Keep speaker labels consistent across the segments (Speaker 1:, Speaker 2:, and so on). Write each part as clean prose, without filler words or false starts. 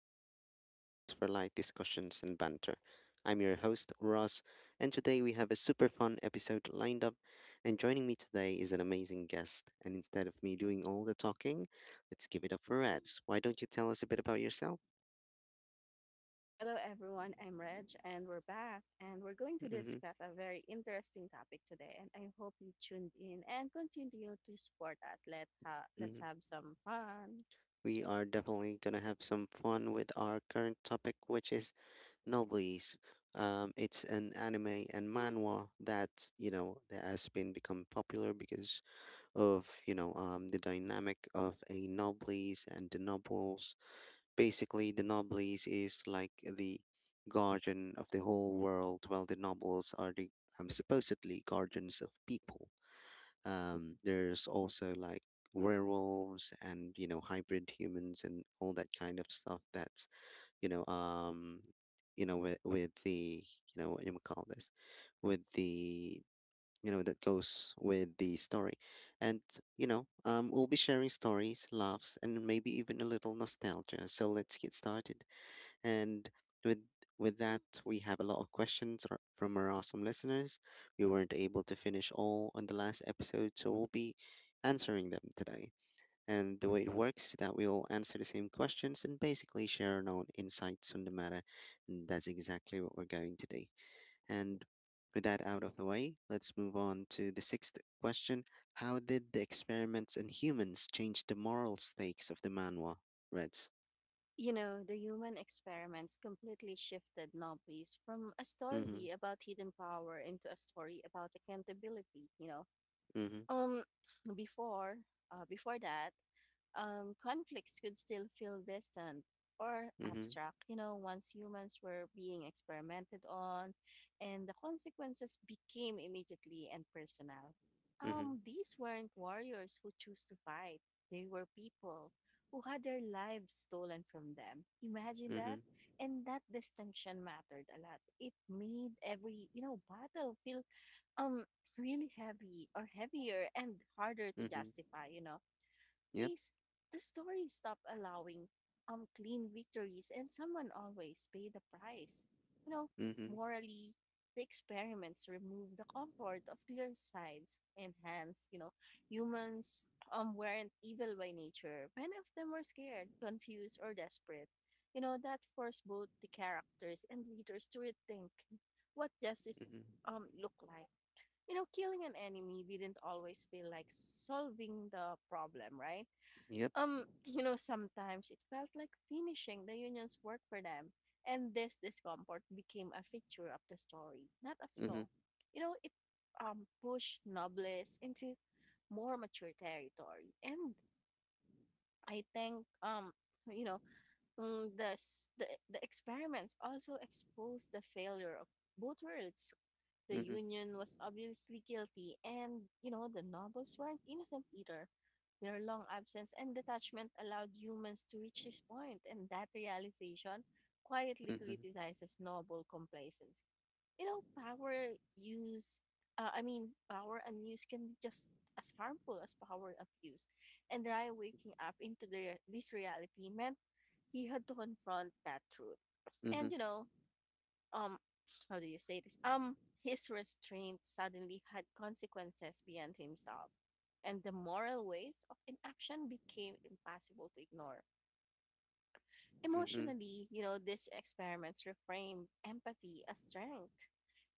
Speaker 1: Podcast, your spot for light discussions and banter. I'm your host, Ross, and today we have a super fun episode lined up. And joining me today is an amazing guest. And instead of me doing all the talking, let's give it up for Reds. Why don't you tell us a bit about yourself?
Speaker 2: Hello, everyone. I'm Reg, and we're back. And we're going to
Speaker 1: Hmm.
Speaker 2: discuss a very interesting topic today. And I hope you tuned in and continue to support us. Let's
Speaker 1: Hmm.
Speaker 2: have some fun.
Speaker 1: We are definitely going to have some fun with our current topic, which is Noblies. It's an anime and manhwa that, that has been become popular because of the dynamic of a nobles and the nobles. Basically, the nobles is like the guardian of the whole world, while the nobles are the supposedly guardians of people. There's also like werewolves and you know hybrid humans and all that kind of stuff. That's you know um you know with the you know what do you call this with the you know That goes with the story, and we'll be sharing stories, laughs, and maybe even a little nostalgia, so let's get started. And with with that, we have a lot of questions from our awesome listeners. We weren't able to finish all on the last episode, so we'll be answering them today. And the way it works is that we all answer the same questions and basically share our own insights on the matter, and that's exactly what we're going to do. And with that out of the way, let's move on to the sixth question. How did the experiments in humans change the moral stakes of the manhwa? Reds.
Speaker 2: You know, the human experiments completely shifted Nobby's from a
Speaker 1: Mm-hmm.
Speaker 2: story about hidden power into a story about accountability.
Speaker 1: Mm-hmm.
Speaker 2: Um, before, uh, before that, Conflicts could still feel distant or
Speaker 1: Mm-hmm.
Speaker 2: abstract. You know, once humans were being experimented on, and the consequences became immediately and personal.
Speaker 1: Mm-hmm.
Speaker 2: These weren't warriors who choose to fight, they were people who had their lives stolen from them. Imagine that.
Speaker 1: Mm-hmm.
Speaker 2: And that distinction mattered a lot. It made every, you know, battle feel um really heavy, or heavier, and harder to
Speaker 1: Mm-hmm.
Speaker 2: justify.
Speaker 1: Yep.
Speaker 2: They s- the story stopped allowing clean victories, and someone always paid the price, you know.
Speaker 1: Mm-hmm.
Speaker 2: Morally, the experiments removed the comfort of clear sides, and hence, you know, humans weren't evil by nature. Many of them were scared, confused, or desperate. That forced both the characters and readers to rethink what justice
Speaker 1: Mm-hmm.
Speaker 2: look like. You know, killing an enemy didn't always feel like solving the problem, right?
Speaker 1: Yep.
Speaker 2: You know, sometimes it felt like finishing the union's work for them, and this discomfort became a feature of the story, not a
Speaker 1: Mm-hmm.
Speaker 2: flaw. You know, it pushed Nobles into more mature territory, and I think you know mm, the s- the experiments also exposed the failure of both worlds. The
Speaker 1: Mm-hmm.
Speaker 2: union was obviously guilty, and, you know, the nobles weren't innocent either. Their long absence and detachment allowed humans to reach this point, and that realization quietly
Speaker 1: Mm-hmm.
Speaker 2: criticizes noble complacency. You know, power used, I mean, power unused can be just as harmful as power abuse. And Rye waking up into this reality meant he had to confront that truth. And
Speaker 1: Mm-hmm.
Speaker 2: you know, um how do you say this his restraint suddenly had consequences beyond himself, and the moral weight of inaction became impossible to ignore.
Speaker 1: Mm-hmm.
Speaker 2: Emotionally, you know, these experiments reframed empathy as strength,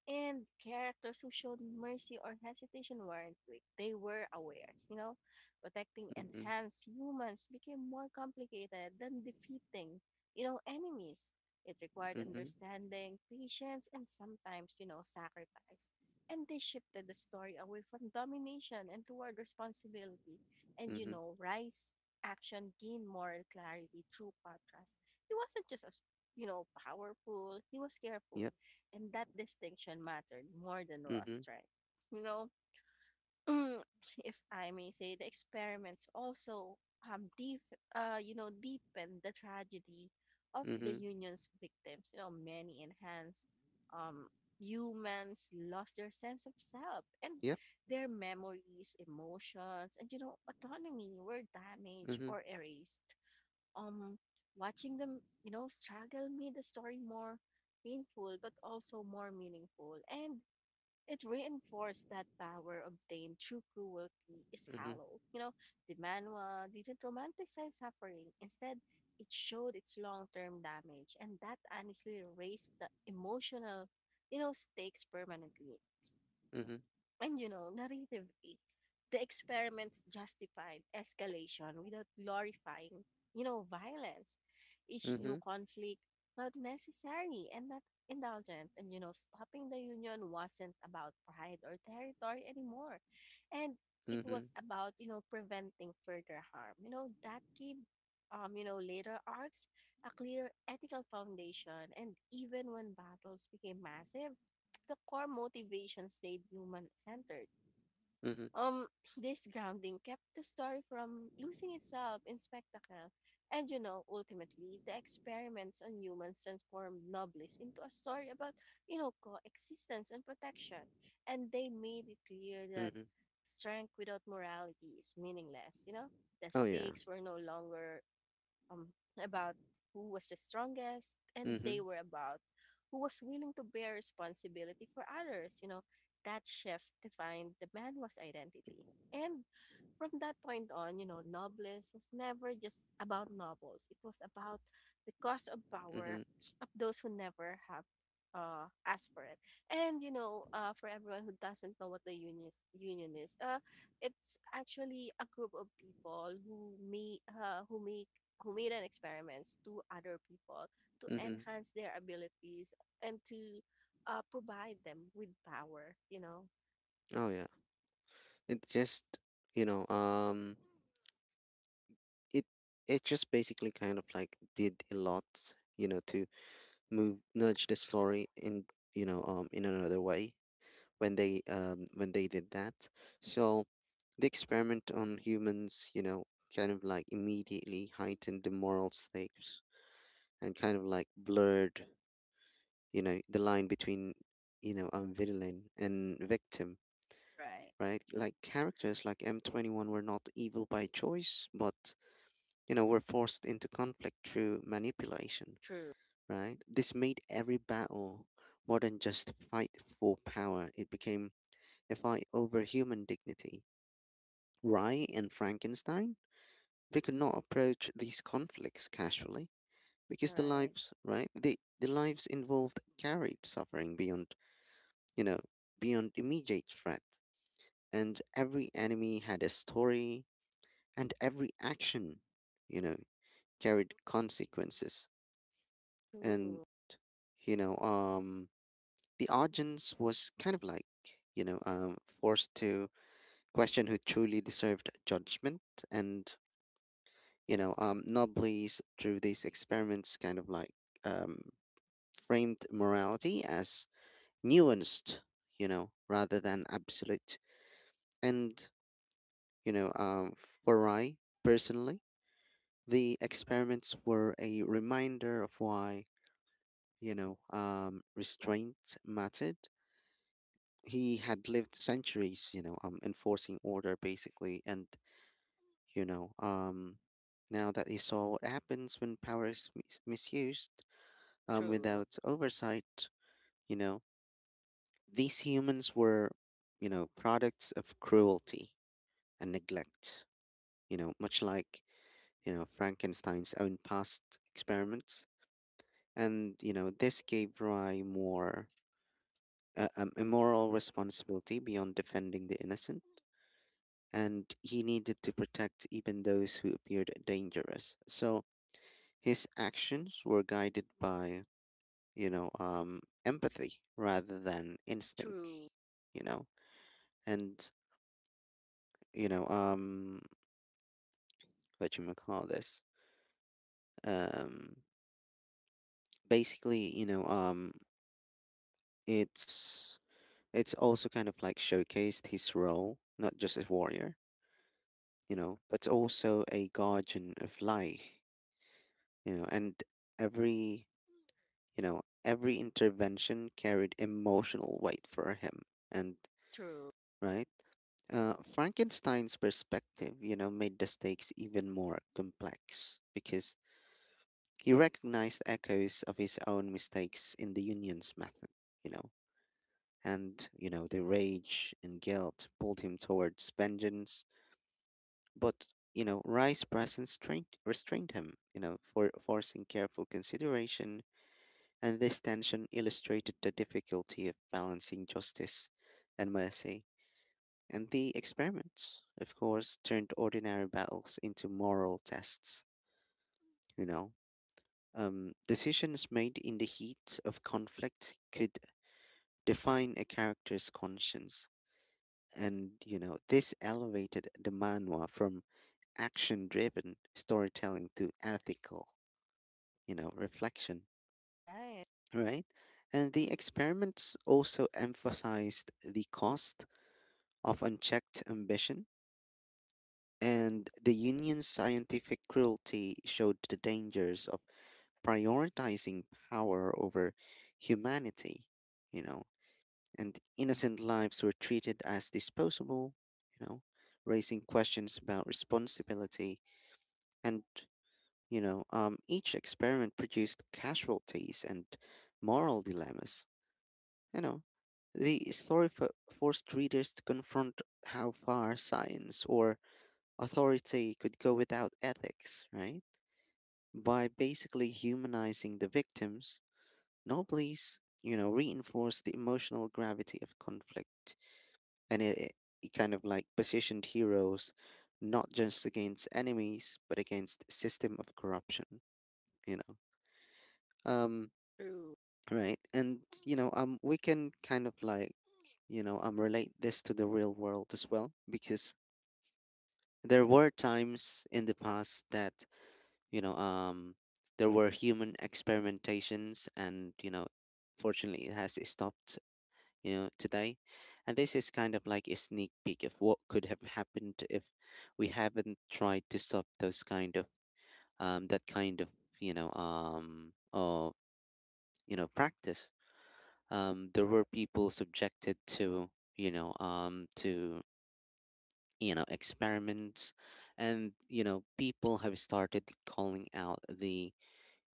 Speaker 2: and characters who showed mercy or hesitation weren't weak. They were aware, you know. Protecting
Speaker 1: Mm-hmm.
Speaker 2: enhanced humans became more complicated than defeating, you know, enemies. It required
Speaker 1: Mm-hmm.
Speaker 2: understanding, patience, and sometimes, you know, sacrifice. And they shifted the story away from domination and toward responsibility. And, you
Speaker 1: Mm-hmm.
Speaker 2: know, Rice's action gained moral clarity through contrast. He wasn't just a s- You know, powerful. He was careful.
Speaker 1: Yep.
Speaker 2: And that distinction mattered more than raw
Speaker 1: Mm-hmm.
Speaker 2: strength. You know, if I may say, the experiments also um deep deepened the tragedy of the
Speaker 1: Mm-hmm.
Speaker 2: union's victims. You know, many enhanced um humans lost their sense of self, and
Speaker 1: Yep.
Speaker 2: their memories, emotions, and, you know, autonomy were damaged
Speaker 1: Mm-hmm.
Speaker 2: or erased. um Watching them, you know, struggle made the story more painful but also more meaningful, and it reinforced that power obtained through cruelty is
Speaker 1: Mm-hmm. Mm-hmm.
Speaker 2: hollow, you know. The manual didn't romanticize suffering; instead, it showed its long-term damage, and that honestly raised the emotional, you know, stakes permanently.
Speaker 1: Mm-hmm.
Speaker 2: And you know, narratively, the experiments justified escalation without glorifying, you know, violence. Each new
Speaker 1: Mm-hmm.
Speaker 2: conflict felt necessary and not indulgent. And you know, stopping the Union wasn't about pride or territory anymore. And it was about, you know, preventing further harm. You know, that gave you know, later arcs a clear ethical foundation. And even when battles became massive, the core motivation stayed human-centered.
Speaker 1: Mm-hmm.
Speaker 2: Um, this grounding kept the story from losing itself in spectacle. And you know, ultimately, the experiments on humans transformed Noblis into a story about, you know, coexistence and protection. And they made it clear that
Speaker 1: Mm-hmm.
Speaker 2: strength without morality is meaningless, you know? The
Speaker 1: Oh yeah.
Speaker 2: stakes were no longer um, about who was the strongest, and they
Speaker 1: Mm-hmm.
Speaker 2: were about who was willing to bear responsibility for others. You know, that shift defined the man's identity. And from that point on, you know, nobles was never just about nobles. It was about the cost of power
Speaker 1: Mm-hmm.
Speaker 2: of those who never have asked for it. And you know, for everyone who doesn't know what the union is, it's actually a group of people who make who make who made an experiments to other people to
Speaker 1: Mm-hmm.
Speaker 2: enhance their abilities and to provide them with power, you know?
Speaker 1: Oh yeah. It just, you know, it it just basically kind of like did a lot, you know, to move nudge the story in, in another way when they did that. So the experiment on humans, you know, kind of like immediately heightened the moral stakes and kind of like blurred, you know, the line between, villain and victim,
Speaker 2: Right.
Speaker 1: right? Like characters like M21 were not evil by choice, but you know, were forced into conflict through manipulation,
Speaker 2: True.
Speaker 1: right? This made every battle more than just fight for power. It became a fight over human dignity. Rye and Frankenstein, they could not approach these conflicts casually because the
Speaker 2: Right.
Speaker 1: lives, right? The the lives involved carried suffering beyond, you know, beyond immediate threat. And every enemy had a story, and every action, you know, carried consequences. and
Speaker 2: True,
Speaker 1: you know um the audience was kind of like forced to question who truly deserved judgment. And you know Nobly's, through these experiments, kind of like um framed morality as nuanced, you know, rather than absolute. And you know for I personally, the experiments were a reminder of why restraint mattered. He had lived centuries, enforcing order basically, and you know, um, now that he saw what happens when power is misused,
Speaker 2: true,
Speaker 1: without oversight, you know, these humans were, you know, products of cruelty and neglect, you know, much like Frankenstein's own past experiments, and you know, this gave Rye more. A moral responsibility beyond defending the innocent, and he needed to protect even those who appeared dangerous. So his actions were guided by, empathy rather than instinct,
Speaker 2: true,
Speaker 1: you know. And, you know, what you call this? Um, basically, you know, it's it's also kind of like showcased his role, not just as warrior, you know, but also a guardian of life, you know, and every You know, every intervention carried emotional weight for him. And,
Speaker 2: true,
Speaker 1: right? Frankenstein's perspective, you know, made the stakes even more complex because he recognized echoes of his own mistakes in the union's method, you know. And, you know, the rage and guilt pulled him towards vengeance, but you know, restrained him, you know, for forcing careful consideration, and this tension illustrated the difficulty of balancing justice and mercy. And the experiments, of course, turned ordinary battles into moral tests, you know. Decisions made in the heat of conflict could define a character's conscience. And, you know, this elevated the manhwa from action driven storytelling to ethical, you know, reflection,
Speaker 2: right?
Speaker 1: right? And the experiments also emphasized the cost of unchecked ambition, and the Union's scientific cruelty showed the dangers of prioritizing power over humanity, you know, and innocent lives were treated as disposable, you know, raising questions about responsibility. And you know, um, each experiment produced casualties and moral dilemmas. You know, the story forced readers to confront how far science or Authority could go without ethics, right? By basically humanizing the victims, Nobles, you know, reinforced the emotional gravity of conflict, and it kind of like positioned heroes not just against enemies, but against system of corruption, you know. Um,
Speaker 2: True,
Speaker 1: right. And, we can kind of like relate this to the real world as well, because there were times in the past that you know um there were human experimentations, and you know, fortunately it has stopped, you know, today. And this is kind of like a sneak peek of what could have happened if we haven't tried to stop those kind of that kind of you know or you know practice. Um, there were people subjected to you know um to you know experiments, and you know people have started calling out the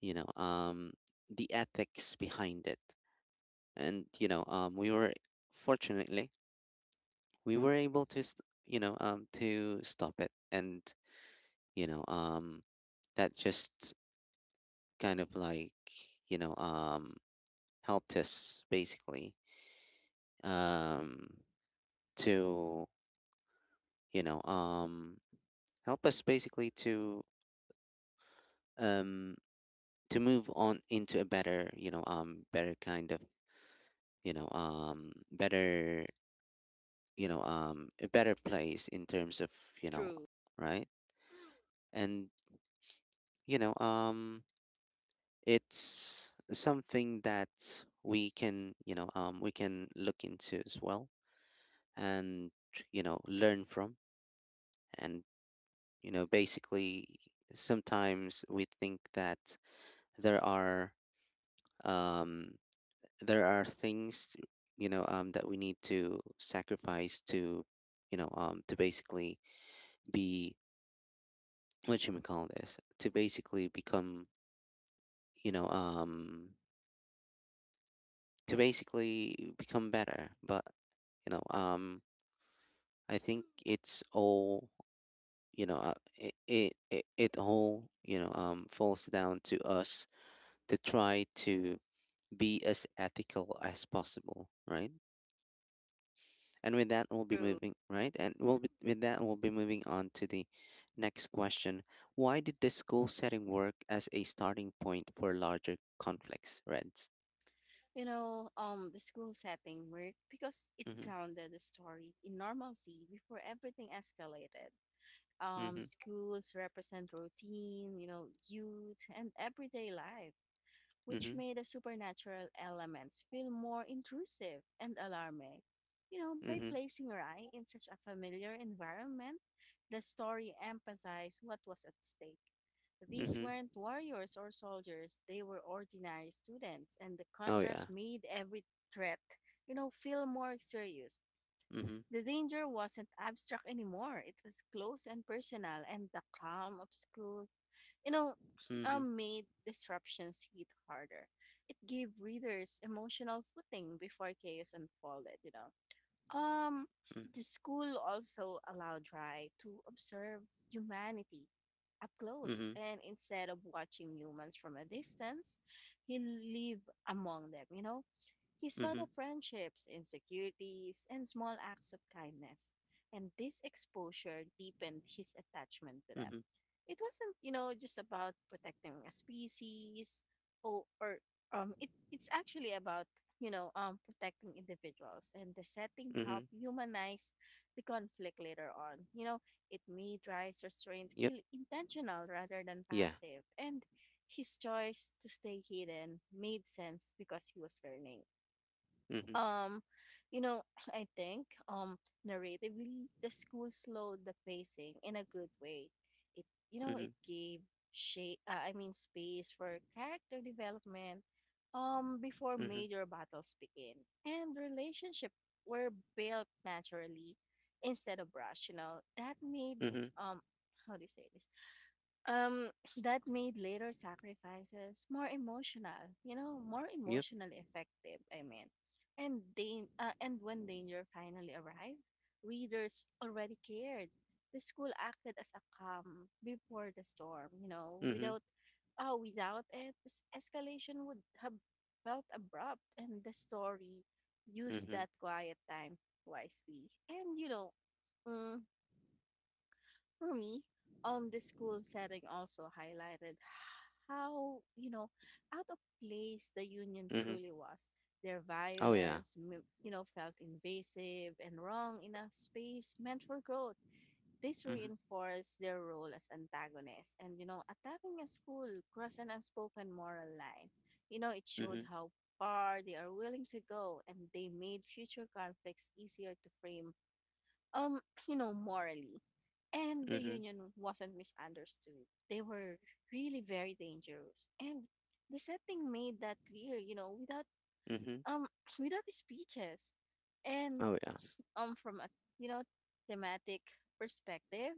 Speaker 1: you know um the ethics behind it. And you know we were Fortunately, we were able to stop it. And you know um that just kind of like you know um helped us basically um to you know help us basically um to move on into a better you know better kind of you know better you know a better place in terms of you know
Speaker 2: true,
Speaker 1: right. and you know It's something that we can we can look into as well, and you know, learn from. And you know, basically, sometimes we think that there are um there are things that we need to sacrifice to to basically be what should we call this to basically become you know um better. But you know um i think it's all it all falls down to us to try to be as ethical as possible, right? And with that we'll be
Speaker 2: true.
Speaker 1: moving right and we'll be, with that, we'll be moving on to the next question. Why did the school setting work as a starting point for larger conflicts, Reds?
Speaker 2: You know, the school setting worked because it
Speaker 1: Mhm.
Speaker 2: grounded the story in normalcy before everything escalated.
Speaker 1: Mhm.
Speaker 2: Schools represent routine, you know, youth and everyday life, which
Speaker 1: Mhm.
Speaker 2: made the supernatural elements feel more intrusive and alarming. You know, by
Speaker 1: Mhm.
Speaker 2: placing Rai in such a familiar environment, the story emphasized what was at stake. These
Speaker 1: Mhm.
Speaker 2: weren't warriors or soldiers, they were ordinary students, and the
Speaker 1: Oh,
Speaker 2: contrast
Speaker 1: yeah.
Speaker 2: made every threat, you know, feel more serious.
Speaker 1: Mhm.
Speaker 2: The danger wasn't abstract anymore, it was close and personal, and the calm of school, you know,
Speaker 1: Mhm.
Speaker 2: made disruptions hit harder. It gave readers emotional footing before chaos unfolded, you know. Um,
Speaker 1: Mhm.
Speaker 2: the school also allowed Rai to observe humanity up close,
Speaker 1: Mhm.
Speaker 2: and instead of watching humans from a distance, he lived among them, you know? He saw the
Speaker 1: Mhm.
Speaker 2: friendships, insecurities, and small acts of kindness, and this exposure deepened his attachment to them.
Speaker 1: Mhm.
Speaker 2: It wasn't, you know, just about protecting a species or it's actually about, you know, protecting individuals, and the setting help
Speaker 1: Mhm.
Speaker 2: humanize the conflict later on, you know. It made rice restraint
Speaker 1: Yep.
Speaker 2: feel intentional rather than
Speaker 1: Yeah.
Speaker 2: passive, and his choice to stay hidden made sense because he was learning.
Speaker 1: Mhm.
Speaker 2: um, you know, I think narratively the school slowed the pacing in a good way. It it
Speaker 1: Mhm.
Speaker 2: gave shape I mean space for character development before
Speaker 1: Mhm.
Speaker 2: major battles begin. And relationship were built naturally instead of rushed, you know. That made
Speaker 1: Mhm.
Speaker 2: um how do you say this? Um that made later sacrifices more
Speaker 1: Yep.
Speaker 2: emotionally effective And when danger finally arrived, readers already cared. The school acted as a calm before the storm, you know.
Speaker 1: Mhm.
Speaker 2: Without it, escalation would have felt abrupt, and the story used
Speaker 1: Mhm.
Speaker 2: that quiet time wisely. And you know, mm, for me, the school setting also highlighted how, you know, out of place the union
Speaker 1: Mhm.
Speaker 2: truly was. Their
Speaker 1: Oh, yeah.
Speaker 2: violence, m- you know, felt invasive and wrong in a space meant for growth. This
Speaker 1: Mhm.
Speaker 2: reinforced their role as antagonists, and, you know, attacking a school crossed an unspoken moral line. You know, it showed
Speaker 1: Mhm.
Speaker 2: how far they are willing to go, and they made future conflicts easier to frame, um you know, morally. And the
Speaker 1: Mhm.
Speaker 2: union wasn't misunderstood, they were really very dangerous, and the setting made that clear, you know, without
Speaker 1: Mhm.
Speaker 2: um without speeches. And
Speaker 1: Oh, yeah.
Speaker 2: from a, you know, thematic perspective,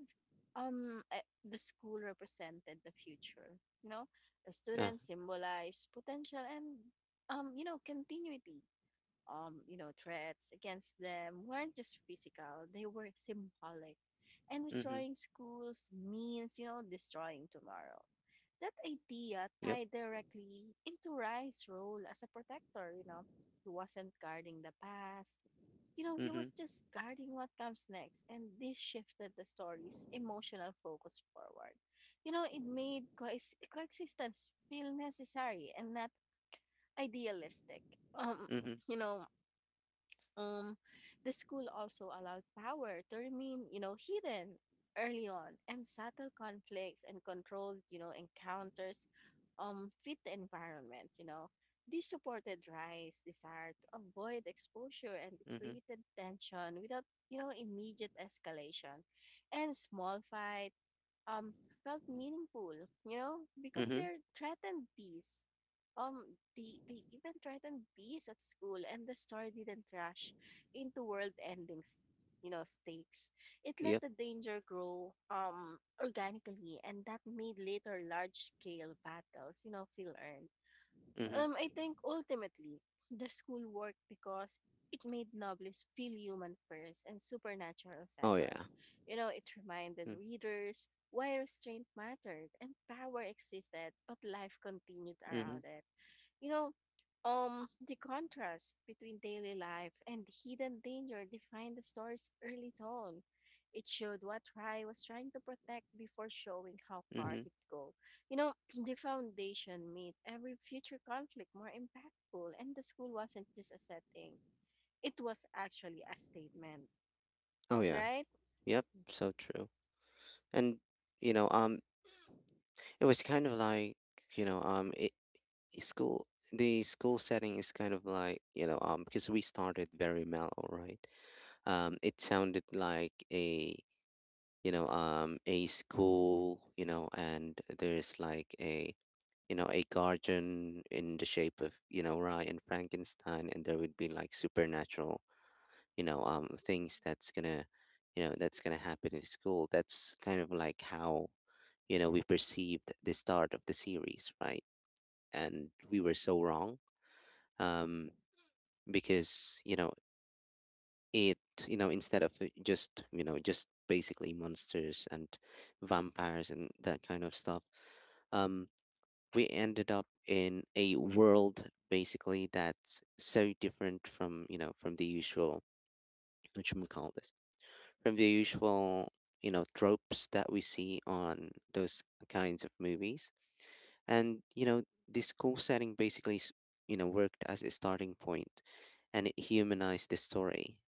Speaker 2: the school represented the future, you know. The
Speaker 1: Yeah.
Speaker 2: students symbolized potential and you know, continuity. You know, threats against them weren't just physical, they were symbolic. And
Speaker 1: Mhm.
Speaker 2: destroying schools means, you know, destroying tomorrow. That idea
Speaker 1: Yep.
Speaker 2: tied directly into Rai's role as a protector, you know. He wasn't guarding the past, you know, he was
Speaker 1: Mhm.
Speaker 2: just guarding what comes next. And this shifted the story's emotional focus forward. You know, it made coexistence feel necessary and not idealistic. Um,
Speaker 1: Mhm.
Speaker 2: you know, um, the school also allowed power to remain, you know, hidden early on, and subtle conflicts and controlled, you know, encounters fit the environment, you know. This supported Rai's desire to avoid exposure, and it
Speaker 1: Mhm.
Speaker 2: created tension without, you know, immediate escalation. And small fights um, felt meaningful, you know, because
Speaker 1: Mhm.
Speaker 2: they're threatened bees. They even threatened bees at school, and the story didn't rush into world endings, you know, stakes. It let
Speaker 1: Yep.
Speaker 2: the danger grow organically, and that made later large scale battles, you know, feel earned.
Speaker 1: Mhm.
Speaker 2: I think ultimately, the school worked because it made novelists feel human first and supernatural
Speaker 1: Oh,
Speaker 2: second.
Speaker 1: yeah.
Speaker 2: You know, it reminded
Speaker 1: Mm.
Speaker 2: readers why restraint mattered and power existed, but life continued
Speaker 1: Mhm.
Speaker 2: around it. You know, the contrast between daily life and hidden danger defined the story's early tone. It showed what Rai was trying to protect before showing how far
Speaker 1: Mhm.
Speaker 2: he'd go. You know, the foundation made every future conflict more impactful, and the school wasn't just a setting, it was actually a statement,
Speaker 1: Oh, yeah.
Speaker 2: right?
Speaker 1: Yep. So true. And you know, um, it was kind of like you know it, school the school setting is kind of like because we started very mellow, right? It sounded like a a school, you know, and there's like a a garden in the shape of you know Rye and Frankenstein, and there would be like supernatural things that's gonna that's gonna happen in school. That's kind of like how you know we perceived the start of the series, right? And we were so wrong. Um because you know it instead of it just you know just basically monsters and vampires and that kind of stuff, um we ended up in a world basically that's so different from you know from the usual what you call this from the usual you know tropes that we see on those kinds of movies. And you know, this school setting basically worked as a starting point, and it humanized the story,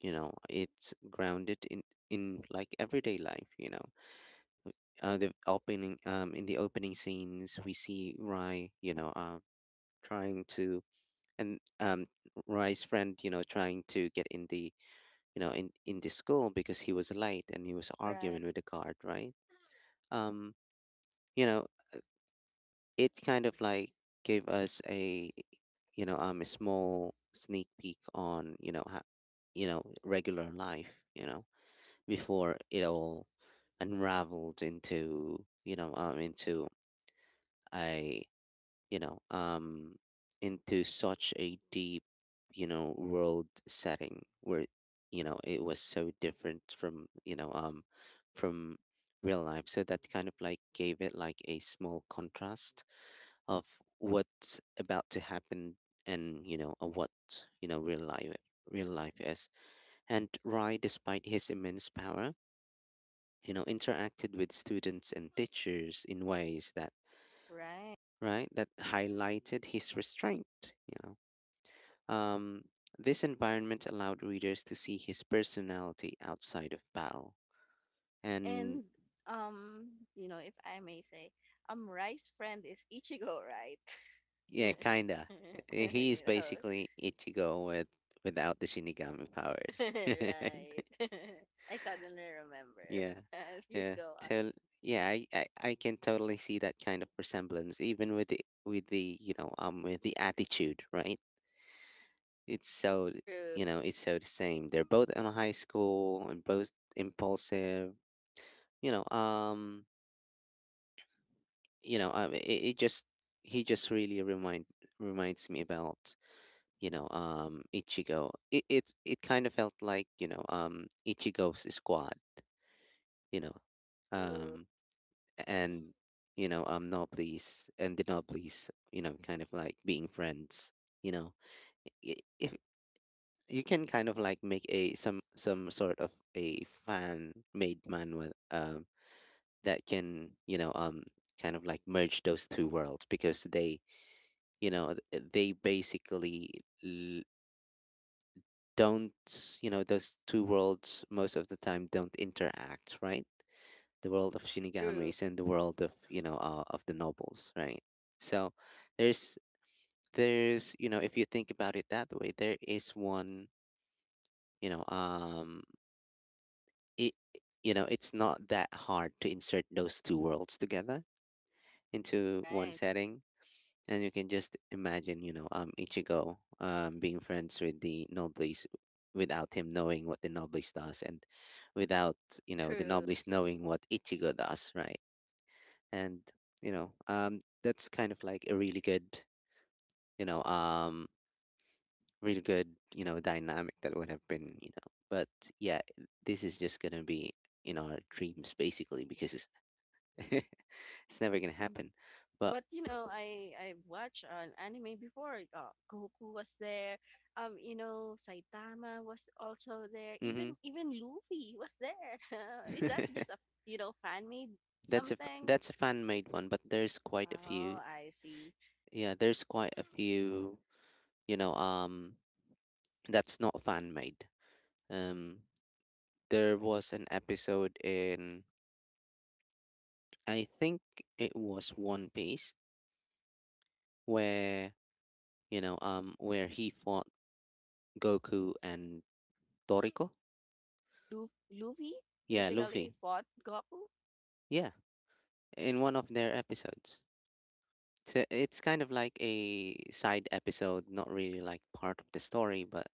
Speaker 1: you know. It's grounded in like everyday life, you know. Uh, the opening um in the opening scenes, we see Rai trying to and Rai's friend, you know, trying to get in the in the school because he was late, and he was
Speaker 2: Right.
Speaker 1: arguing with the guard, right? um you know it kind of like gave us a a small sneak peek on you know how, you know, regular life, you know, before it all unraveled into into a you know um into such a deep world setting where it was so different from from real life. So that kind of like gave it like a small contrast of what's about to happen and of what, real life, real life is. And Rai, despite his immense power, interacted with students and teachers in ways that,
Speaker 2: Right.
Speaker 1: right, that highlighted his restraint. Um, this environment allowed readers to see his personality outside of battle. And
Speaker 2: And you know, if I may say, Rai's friend is Ichigo, right?
Speaker 1: yeah, kinda. He is
Speaker 2: you know,
Speaker 1: basically Ichigo with— without the shinigami powers, right?
Speaker 2: right. I suddenly remember.
Speaker 1: Yeah.
Speaker 2: Please
Speaker 1: Yeah,
Speaker 2: go on.
Speaker 1: tell. Yeah, I can totally see that kind of resemblance, even with the with the attitude, right? It's so,
Speaker 2: True,
Speaker 1: it's so the same. They're both in high school and both impulsive. You know, um, it just— he just really reminds me about Ichigo. It kind of felt like Ichigo's squad. You know,
Speaker 2: true,
Speaker 1: um, and Noblis and the Noblis, kind of like being friends. You know, if you can kind of like make a— some sort of a fan made manual that can kind of like merge those two worlds, because they they basically l- don't— those two worlds most of the time don't interact, right? The world of
Speaker 2: true.
Speaker 1: shinigamis and the world of of the nobles, right? So there's there's, if you think about it that way, there is one— you know um it it's not that hard to insert those two worlds together into one
Speaker 2: Right,
Speaker 1: setting. And you can just imagine Ichigo being friends with the nobles, without him knowing what the nobles does, and without the
Speaker 2: true.
Speaker 1: nobles knowing what Ichigo does, right? And that's kind of like a really good you know um really good, dynamic that would have been, you know. But yeah, this is just gonna be in our dreams, basically, because it's never gonna
Speaker 2: Mm.
Speaker 1: happen. But
Speaker 2: But you know, I watched an anime before. Goku was there. You know, Saitama was also there.
Speaker 1: hmm.
Speaker 2: Even even Luffy was there. Is that just a fan made
Speaker 1: That's a
Speaker 2: something?
Speaker 1: that's a fan made one, but there's quite a few.
Speaker 2: Oh, I see.
Speaker 1: Yeah, there's quite a few. You know, um, that's not fan made. Um, there was an episode in— I think it was One Piece, where where he fought Goku and Toriko.
Speaker 2: Luffy
Speaker 1: Yeah,
Speaker 2: basically
Speaker 1: Luffy.
Speaker 2: fought Goku.
Speaker 1: Yeah, in one of their episodes. So it's kind of like a side episode, not really like part of the story, but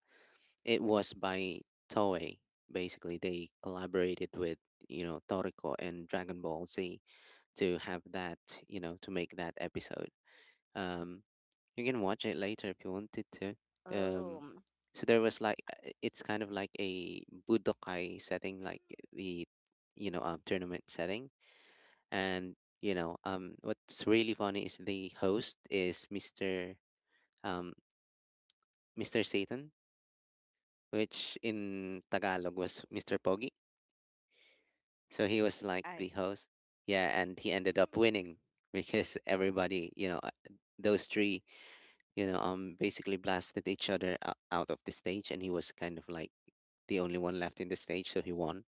Speaker 1: it was by Toei. Basically, they collaborated with, you know, Toriko and Dragon Ball Z to have that, you know, to make that episode. Um, you can watch it later if you wanted to. Um,
Speaker 2: Oh,
Speaker 1: so there was like, it's kind of like a Budokai setting, like the, you know, tournament setting. And, you know, what's really funny is the host is um, Mr. Satan, which in Tagalog was Mr. Pogi. So he was like
Speaker 2: I
Speaker 1: the
Speaker 2: s-
Speaker 1: host. Yeah, and he ended up winning because everybody, you know, those three, you know, basically blasted each other out of the stage, and he was kind of like the only one left in the stage, so he won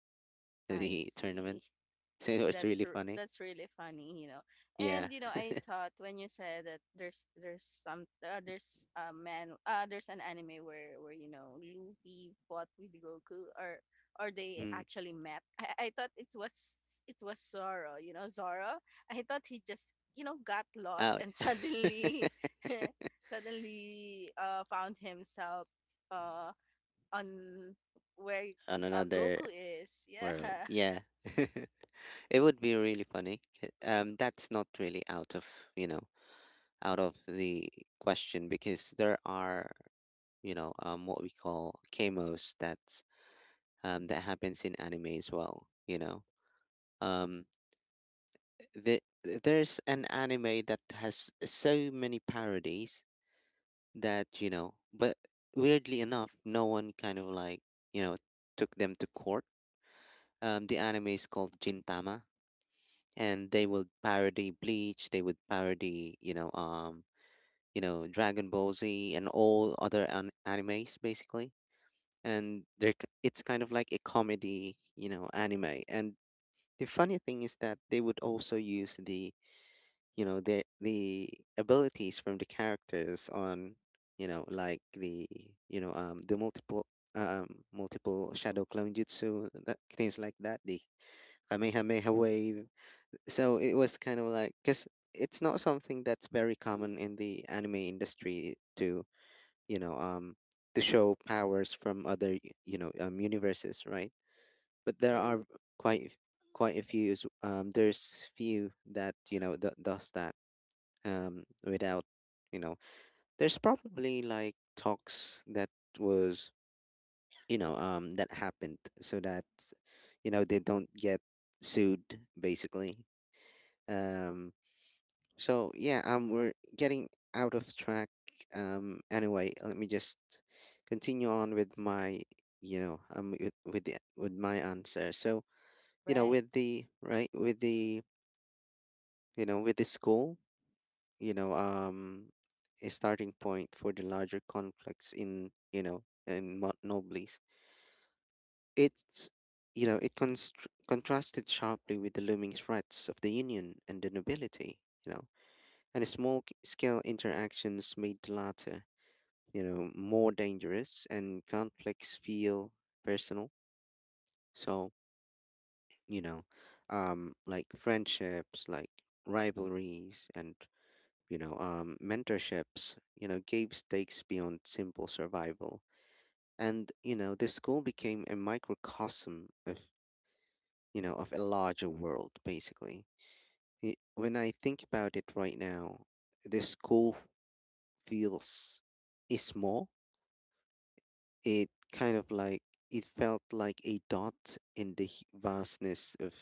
Speaker 2: I
Speaker 1: the
Speaker 2: see.
Speaker 1: tournament. So it was really funny.
Speaker 2: That's really funny, you know.
Speaker 1: Yeah.
Speaker 2: And you know, I thought when you said that there's some there's a man there's an anime where you know Luffy fought with Goku or they
Speaker 1: Mm.
Speaker 2: actually met. I thought it was Zoro, you know, Zoro. I thought he just you know got lost
Speaker 1: Oh.
Speaker 2: and suddenly suddenly found himself uh, on where
Speaker 1: On another
Speaker 2: Goku is.
Speaker 1: world.
Speaker 2: Yeah,
Speaker 1: Yeah. It would be really funny. That's not really out of, you know, out of the question, because there are, you know, what we call kamos that's that happens in anime as well. You know, um, there's an anime that has so many parodies that, you know, but weirdly enough, no one kind of like you know took them to court. The anime is called Gintama, and they would parody Bleach, they would parody, Dragon Ball Z and all other animes, basically. And they're, it's kind of like a comedy, you know, anime. And the funny thing is that they would also use the, you know, the abilities from the characters on, you know, like the, you know, the multiple— um, multiple shadow clone jutsu, that— things like that. The Kamehameha wave. So it was kind of like, because it's not something that's very common in the anime industry to you know um to show powers from other universes, right? But there
Speaker 2: true.
Speaker 1: are quite f- quite a few there's few that, you know, does that, um, without, you know— there's probably like talks that was, that happened so that, you know, they don't get sued, basically. Um, so yeah, we're getting out of track. Anyway, let me just continue on with my, you know, with my answer. So, you know,
Speaker 2: Right,
Speaker 1: with the, you know, with the school, you know, a starting point for the larger conflicts in, in Mount Nobles. It's it constr contrasted sharply with the looming threats of the Union and the nobility. You know, and small scale interactions made the latter, you know, more dangerous, and conflicts feel personal. So, you know, like friendships, like rivalries, and, you know, mentorships, you know, gave stakes beyond simple survival. And, you know, the school became a microcosm of, you know, of a larger world, basically. When I think about it right now, the school feels is small. It kind of like— it felt like a dot in the vastness of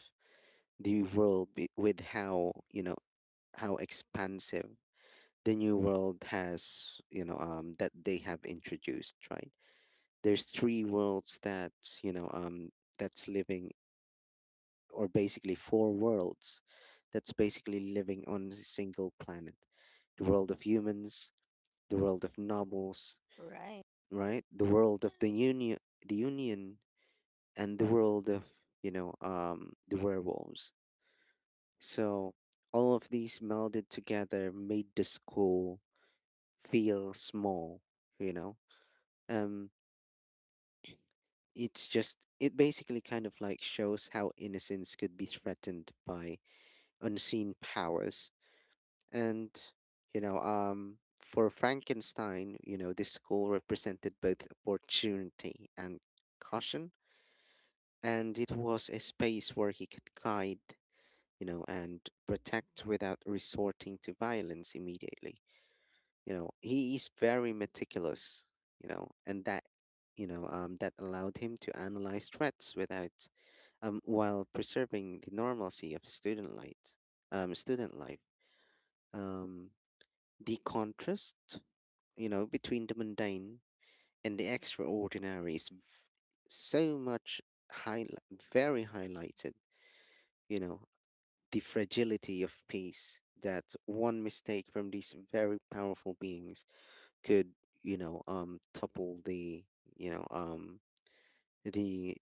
Speaker 1: the world, with how, you know, how expansive the new world has, you know, um, that they have introduced, right? There's three worlds that, you know, um that's living, or basically four worlds, that's basically living on a single planet. The world of humans, the world of nobles,
Speaker 2: right.
Speaker 1: right? The world of the union, the union, and the world of, the werewolves. So all of these melded together made the school feel small. You know, um, it's just— it basically kind of like shows how innocence could be threatened by unseen powers. And, you know, for Frankenstein, you know, this school represented both opportunity and caution. And it was a space where he could guide, you know, and protect without resorting to violence immediately. You know, he is very meticulous, you know, and that, you know, that allowed him to analyze threats without— while preserving the normalcy of student life, student life. Um, the contrast, you know, between the mundane and the extraordinary is so much high, very highlighted. You know, the fragility of peace, that one mistake from these very powerful beings could topple the you know um the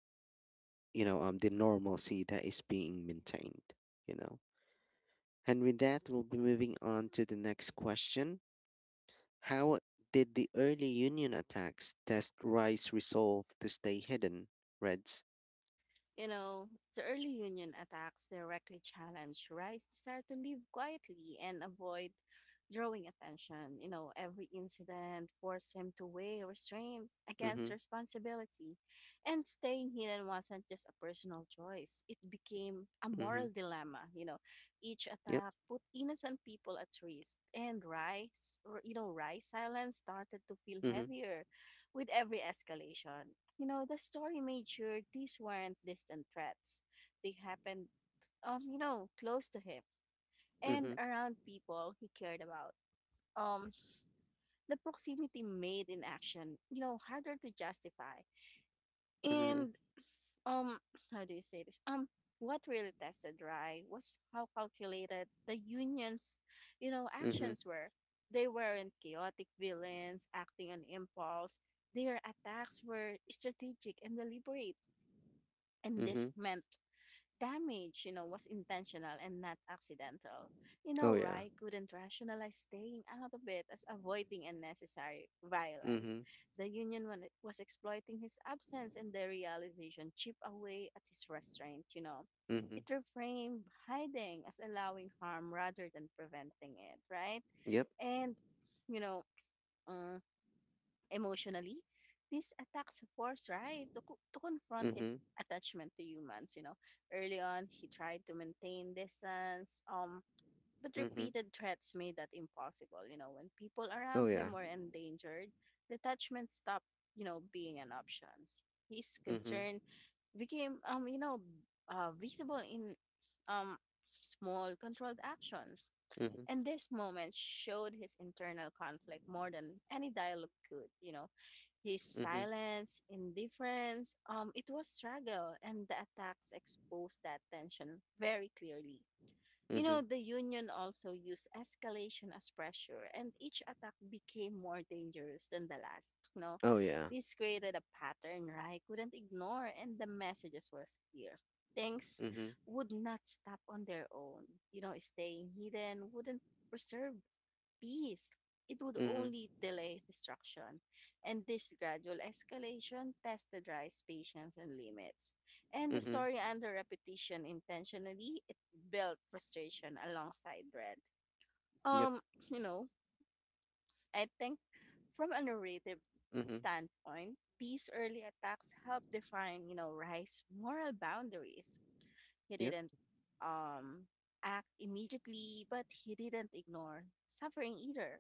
Speaker 1: the normalcy that is being maintained, you know. And with that, we'll be moving on to the next question. How did the early union attacks test Rice's resolve to stay hidden? Reds.
Speaker 2: You know, the early union attacks directly challenge Rice's desire to live quietly and avoid drawing attention. You know, every incident forced him to weigh restraint against
Speaker 1: Mm-hmm.
Speaker 2: responsibility, and staying hidden wasn't just a personal choice, it became a
Speaker 1: Mm-hmm.
Speaker 2: moral dilemma. You know, each
Speaker 1: Yep.
Speaker 2: attack put innocent people at risk, and Rice, or, you know, Rice's silence started to feel
Speaker 1: Mm-hmm.
Speaker 2: heavier with every escalation. You know, the story made sure these weren't distant threats. They happened, you know, close to him and
Speaker 1: Mm-hmm.
Speaker 2: around people he cared about. Um, the proximity made in action, you know, harder to justify.
Speaker 1: Mm-hmm.
Speaker 2: And um, how do you say this? What really tested Rye was how calculated the union's, you know,
Speaker 1: Mm-hmm.
Speaker 2: actions were. They weren't chaotic villains acting on impulse. Their attacks were strategic and deliberate, and this
Speaker 1: Mm-hmm.
Speaker 2: meant damage, you know, was intentional and not accidental. You
Speaker 1: Oh
Speaker 2: know,
Speaker 1: yeah.
Speaker 2: Rai couldn't rationalize staying out of it as avoiding unnecessary violence.
Speaker 1: Mm-hmm.
Speaker 2: The was exploiting his absence and the realization chip away at his restraint, you know.
Speaker 1: Mm-hmm.
Speaker 2: It reframed hiding as allowing harm rather than preventing it, right?
Speaker 1: Yep.
Speaker 2: And, you know, um, emotionally, these attacks force Rai to, to confront his
Speaker 1: Mhm.
Speaker 2: attachment to humans. You know, early on, he tried to maintain distance, but
Speaker 1: Mhm.
Speaker 2: repeated threats made that impossible. You know, when people
Speaker 1: Oh
Speaker 2: around
Speaker 1: yeah.
Speaker 2: him were endangered, detachment stopped, you know, being an option. His
Speaker 1: Mhm.
Speaker 2: concern became, you know, visible in um, small controlled actions.
Speaker 1: Mhm.
Speaker 2: And this moment showed his internal conflict more than any dialogue could, you know. His
Speaker 1: Mhm.
Speaker 2: silence, indifference, it was struggle, and the attacks exposed that tension very clearly. You know,
Speaker 1: Mhm.
Speaker 2: the Union also used escalation as pressure, and each attack became more dangerous than the last. You know,
Speaker 1: Oh yeah.
Speaker 2: this created a pattern Rai couldn't ignore, and the messages were clear. Things
Speaker 1: Mhm.
Speaker 2: would not stop on their own. You know, staying hidden wouldn't preserve peace. It would
Speaker 1: Mhm.
Speaker 2: only delay destruction. And this gradual escalation tested Rice's patience and limits. And the
Speaker 1: Mhm.
Speaker 2: story under repetition intentionally, it built frustration alongside dread.
Speaker 1: Yep.
Speaker 2: Um, you know, I think from a narrative
Speaker 1: Mhm.
Speaker 2: standpoint, these early attacks help define, you know, Rice's moral boundaries. He
Speaker 1: Yep.
Speaker 2: didn't um, act immediately, but he didn't ignore suffering either.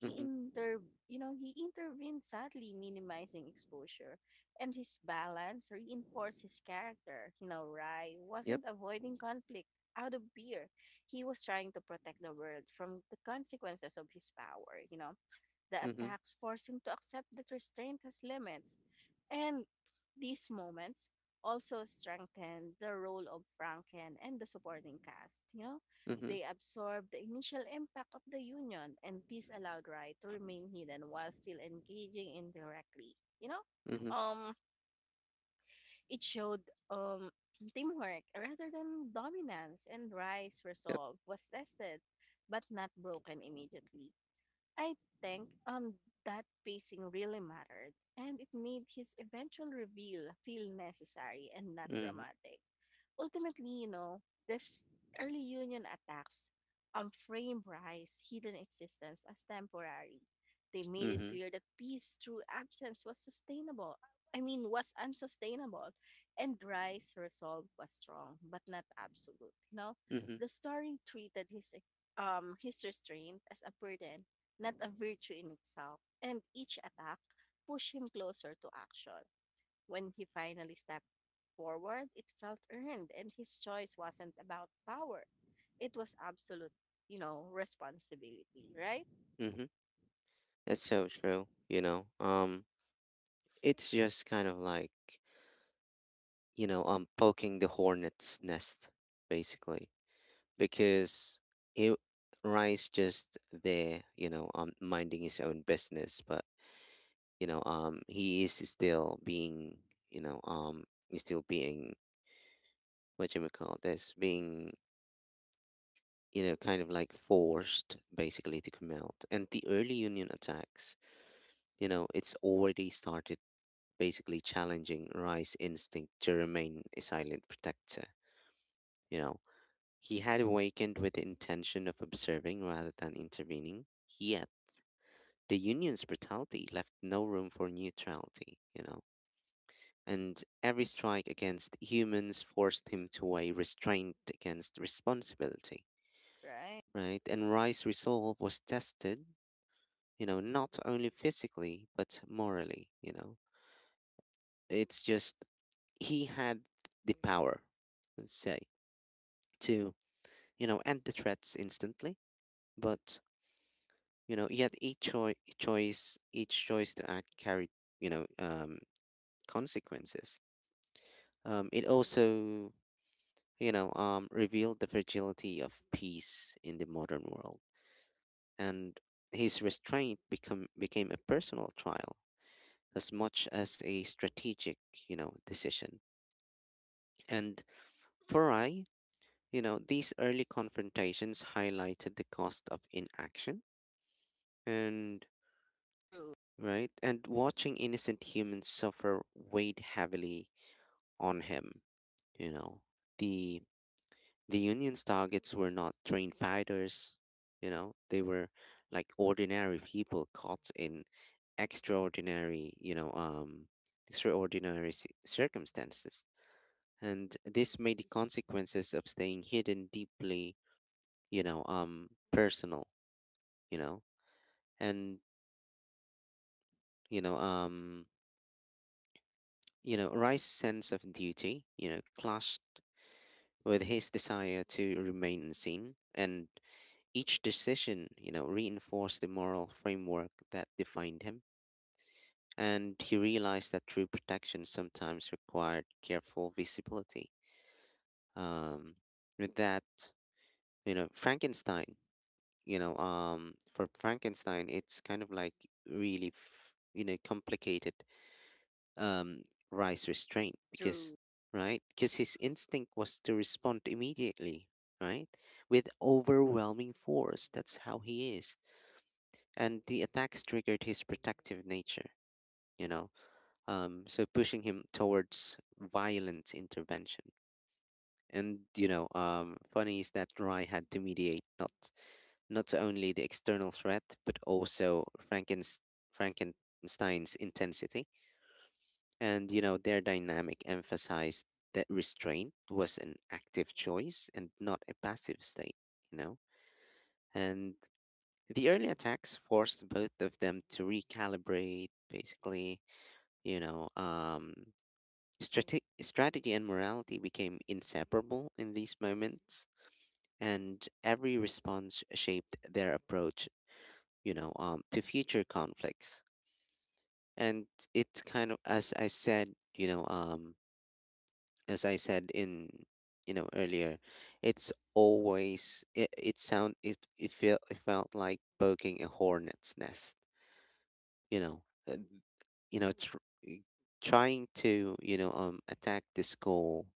Speaker 2: He
Speaker 1: Mhm.
Speaker 2: you know, he intervened sadly, minimizing exposure, and his balance reinforced his character. You know, Rai
Speaker 1: Yep.
Speaker 2: wasn't avoiding conflict out of fear; he was trying to protect the world from the consequences of his power. You know, the
Speaker 1: Mhm.
Speaker 2: attacks force him to accept that restraint has limits. And these moments also strengthen the role of Franken and the supporting cast. You know,
Speaker 1: Mhm.
Speaker 2: they absorb the initial impact of the union, and this allowed Rai to remain hidden while still engaging indirectly. You know,
Speaker 1: Mhm.
Speaker 2: um, it showed teamwork rather than dominance, and Rai's
Speaker 1: Yep.
Speaker 2: resolve was tested but not broken immediately. I think that pacing really mattered, and it made his eventual reveal feel necessary and not
Speaker 1: Mhm.
Speaker 2: dramatic. Ultimately, you know, this early union attacks frame Rice's hidden existence as temporary. They made it
Speaker 1: Mhm.
Speaker 2: clear that peace through absence was sustainable. I mean, was unsustainable. And Rice's resolve was strong, but not absolute. You know,
Speaker 1: Mhm.
Speaker 2: the story treated his restraint as a burden, not a virtue in itself. And each attack pushed him closer to action. When he finally stepped forward, it felt earned, and his choice wasn't about power. It was absolute, you know, responsibility, right?
Speaker 1: Mhm. That's so true. You know. It's just kind of like, you know, poking the hornet's nest, basically, because it— Rice just there, you know, minding his own business, but, you know, he is still being, you know, he's still being— what you may call this, being, you know, kind of like forced, basically, to come out. And the early Union attacks, you know, it's already started basically challenging Rye's instinct to remain a silent protector. You know, he had awakened with the intention of observing rather than intervening, yet the Union's brutality left no room for neutrality, you know. And every strike against humans forced him to a restraint against responsibility,
Speaker 2: Right.
Speaker 1: right? And Rice's resolve was tested, you know, not only physically, but morally, you know. It's just, he had the power, let's say, to, you know, end the threats instantly, but, you know, yet each choice, each choice to act carried, you know, consequences. It also, you know, revealed the fragility of peace in the modern world, and his restraint become became a personal trial as much as a strategic, you know, decision. And for I, you know, these early confrontations highlighted the cost of inaction, and
Speaker 2: True.
Speaker 1: right, and watching innocent humans suffer weighed heavily on him, you know. the The Union's targets were not trained fighters, you know, they were like ordinary people caught in extraordinary, you know, extraordinary circumstances. And this made the consequences of staying hidden deeply, personal, you know, and, you know, um, you know, Rice's sense of duty, clashed with his desire to remain unseen. And each decision, reinforced the moral framework that defined him, and he realized that true protection sometimes required careful visibility. Um, with that, Frankenstein, for Frankenstein, it's kind of like really, complicated um, rice restraint. because,
Speaker 2: True.
Speaker 1: right? Because his instinct was to respond immediately, right? With overwhelming force. That's how he is, and the attacks triggered his protective nature, you know, so pushing him towards violent intervention. And funny is that Rai had to mediate not only the external threat but also Frankenstein's intensity. And their dynamic emphasized that restraint was an active choice and not a passive state. You know, and the early attacks forced both of them to recalibrate, basically. You know, um, strategy and morality became inseparable in these moments, and every response shaped their approach, to future conflicts. And it's kind of, as I said, as I said earlier, it's always it, it sound it it felt like poking a hornet's nest, you know, uh, you know, tr- trying to attack this goal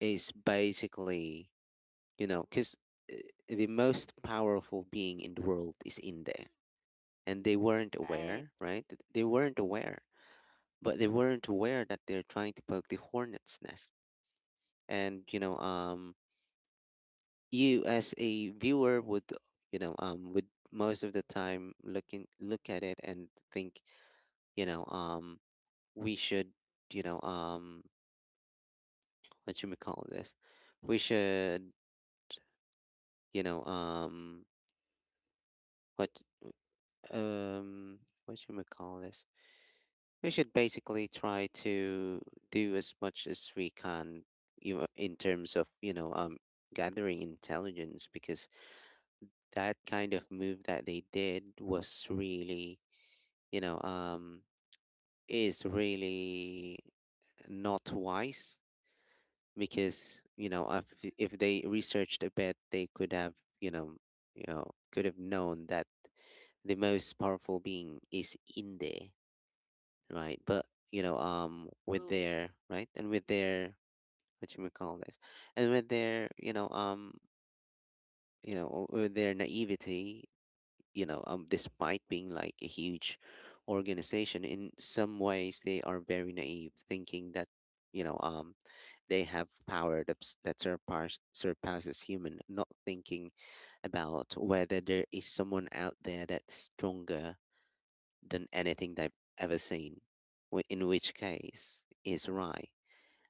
Speaker 1: is basically, because the most powerful being in the world is in there. And they weren't
Speaker 2: Right.
Speaker 1: aware, right? They weren't aware, but they weren't aware that they're trying to poke the hornet's nest. And, you as a viewer would, most of the time look at it and think, you know, um, we should, you know, um, what should we call this? We should, you know, um, what um what should we call this? We should basically try to do as much as we can, you know, in terms of you know gathering intelligence, because that kind of move that they did was really you know um is really not wise. Because if they researched a bit, they could have you know could have known that the most powerful being is in there, right? But
Speaker 2: True.
Speaker 1: with their what you would call this and with their you know with their naivety, despite being like a huge organization, in some ways they are very naive, thinking that you know um they have power that surpasses human, not thinking about whether there is someone out there that's stronger than anything they've ever seen, in which case is right.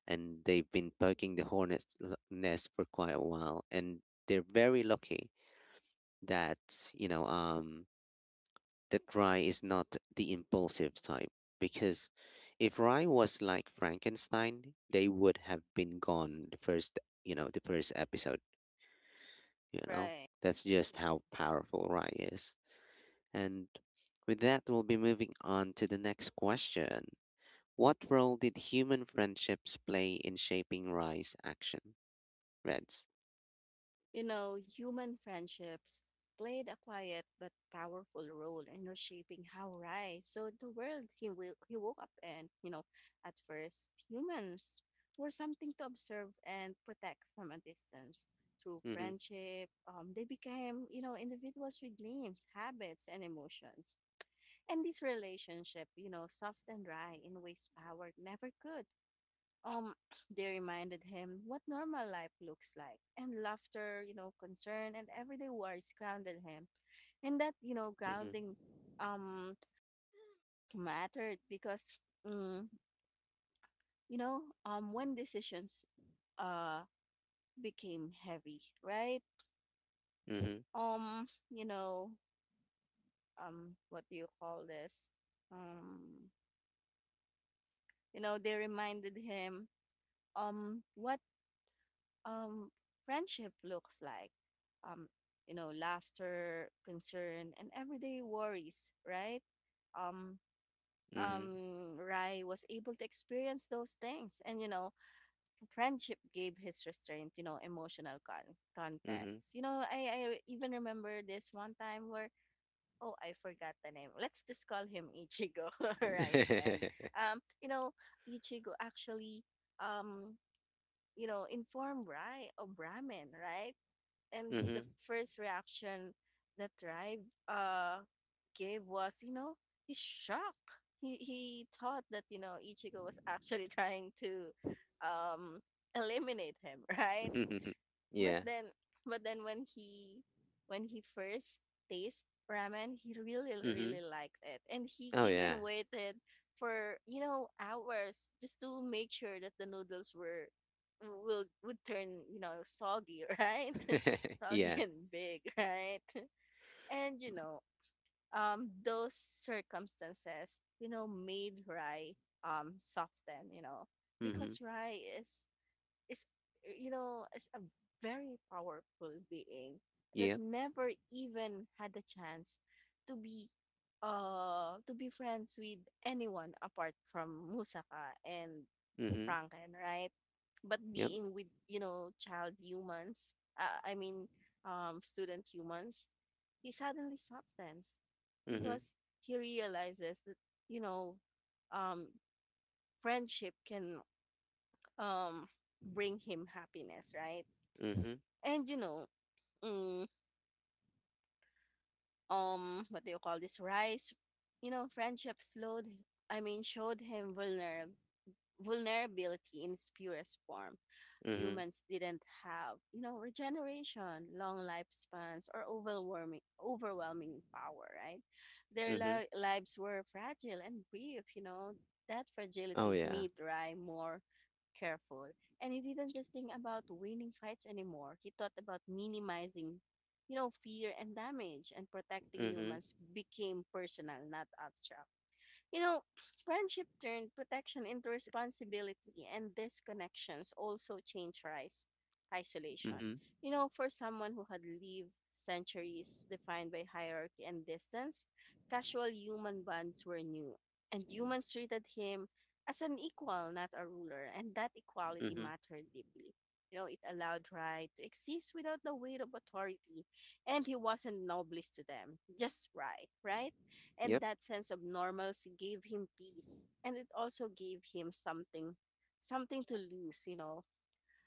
Speaker 1: And they've been poking the hornet's nest for quite a while, and they're very lucky that that Rye is not the impulsive type. Because if Rye was like Frankenstein, they would have been gone the first episode. You know
Speaker 2: Right.
Speaker 1: that's just how powerful Rye is. And with that, we'll be moving on to the next question. What role did human friendships play in shaping Rye's action? Reds.
Speaker 2: You know, human friendships played a quiet but powerful role in reshaping how Rai saw the world he woke up in. You know, at first, humans were something to observe and protect from a distance. Through
Speaker 1: Mhm,
Speaker 2: friendship, they became, you know, individuals with dreams, habits, and emotions. And this relationship, you know, softened Rai in ways power never could. um, they reminded him what normal life looks like, and laughter, you know, concern, and everyday worries grounded him. And that, you know,
Speaker 1: mhm,
Speaker 2: grounding um mattered because, mm, you know, when decisions uh became heavy, right?
Speaker 1: mhm,
Speaker 2: You know, what do you call this? Um, you know, they reminded him what um, friendship looks like. Um, you know, laughter, concern, and everyday worries, right? Um,
Speaker 1: mhm,
Speaker 2: Rai was able to experience those things. And, you know, friendship gave his restraint, you know,
Speaker 1: mhm. Mhm,
Speaker 2: context. You know, I even remember this one time where, oh, I forgot the name. Let's just call him Ichigo, Rai's friend. You know, Ichigo actually, um, you know, informed Rai of ramen, right? And the
Speaker 1: mhm.
Speaker 2: first reaction that Tribe uh gave was, you know, he's shocked. He thought that, you know, Ichigo was actually trying to um eliminate him, right? but
Speaker 1: Yeah.
Speaker 2: then but then when he first tasted ramen, he really
Speaker 1: Mhm.
Speaker 2: really liked it, and he
Speaker 1: Oh yeah.
Speaker 2: even waited for you know hours just to make sure that the noodles were will would turn you know soggy, right? Soggy
Speaker 1: Yeah.
Speaker 2: and big, right? And you know those circumstances you know made rye soften, you know,
Speaker 1: Mhm.
Speaker 2: because rye is you know, is a very powerful being that
Speaker 1: Yep.
Speaker 2: never even had the chance to be to be friends with anyone apart from Musaka and
Speaker 1: Mhm.
Speaker 2: Franken, right? But
Speaker 1: Yep.
Speaker 2: being with you know child humans, I mean, student humans, he suddenly substance
Speaker 1: Mhm.
Speaker 2: because he realizes that you know um friendship can um bring him happiness, right?
Speaker 1: Mhm.
Speaker 2: And you know, mm, what do you call this? You know, friendship showed him vulnerability in its purest form.
Speaker 1: Mhm.
Speaker 2: Humans didn't have, you know, regeneration, long lifespans, or overwhelming power, right? Their
Speaker 1: Mhm.
Speaker 2: lives were fragile and brief, you know. That
Speaker 1: Oh
Speaker 2: fragility
Speaker 1: yeah.
Speaker 2: made Rai more careful. And he didn't just think about winning fights anymore. He thought about minimizing, you know, fear and damage, and protecting
Speaker 1: Mhm.
Speaker 2: humans became personal, not abstract. You know, friendship turned protection into responsibility, and these connections also change rise isolation.
Speaker 1: Mhm.
Speaker 2: You know, for someone who had lived centuries defined by hierarchy and distance, casual human bonds were new, and humans treated him as an equal, not a ruler, and that equality
Speaker 1: Mhm.
Speaker 2: mattered deeply. You know, it allowed Rai to exist without the weight of authority, and he wasn't noblest to them, just Rai, right? And
Speaker 1: Yep.
Speaker 2: that sense of normalcy gave him peace. And it also gave him something, something to lose, you know.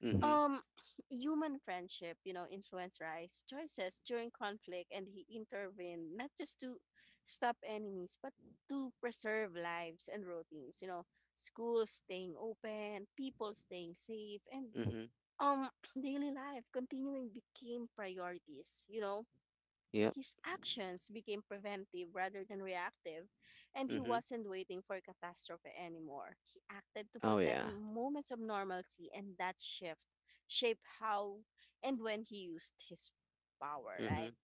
Speaker 1: Mhm.
Speaker 2: Um, Human friendship, you know, influenced Rice's choices during conflict, and he intervened not just to stop enemies, but to preserve lives and routines, you know, schools staying open, people staying safe, and
Speaker 1: Mhm.
Speaker 2: um daily life continuing became priorities, you know.
Speaker 1: Yep.
Speaker 2: His actions became preventive rather than reactive, and he
Speaker 1: Mhm.
Speaker 2: wasn't waiting for catastrophe anymore. He acted to
Speaker 1: Oh
Speaker 2: protect
Speaker 1: yeah.
Speaker 2: moments of normalcy, and that shift shaped how and when he used his power, right?
Speaker 1: Mhm.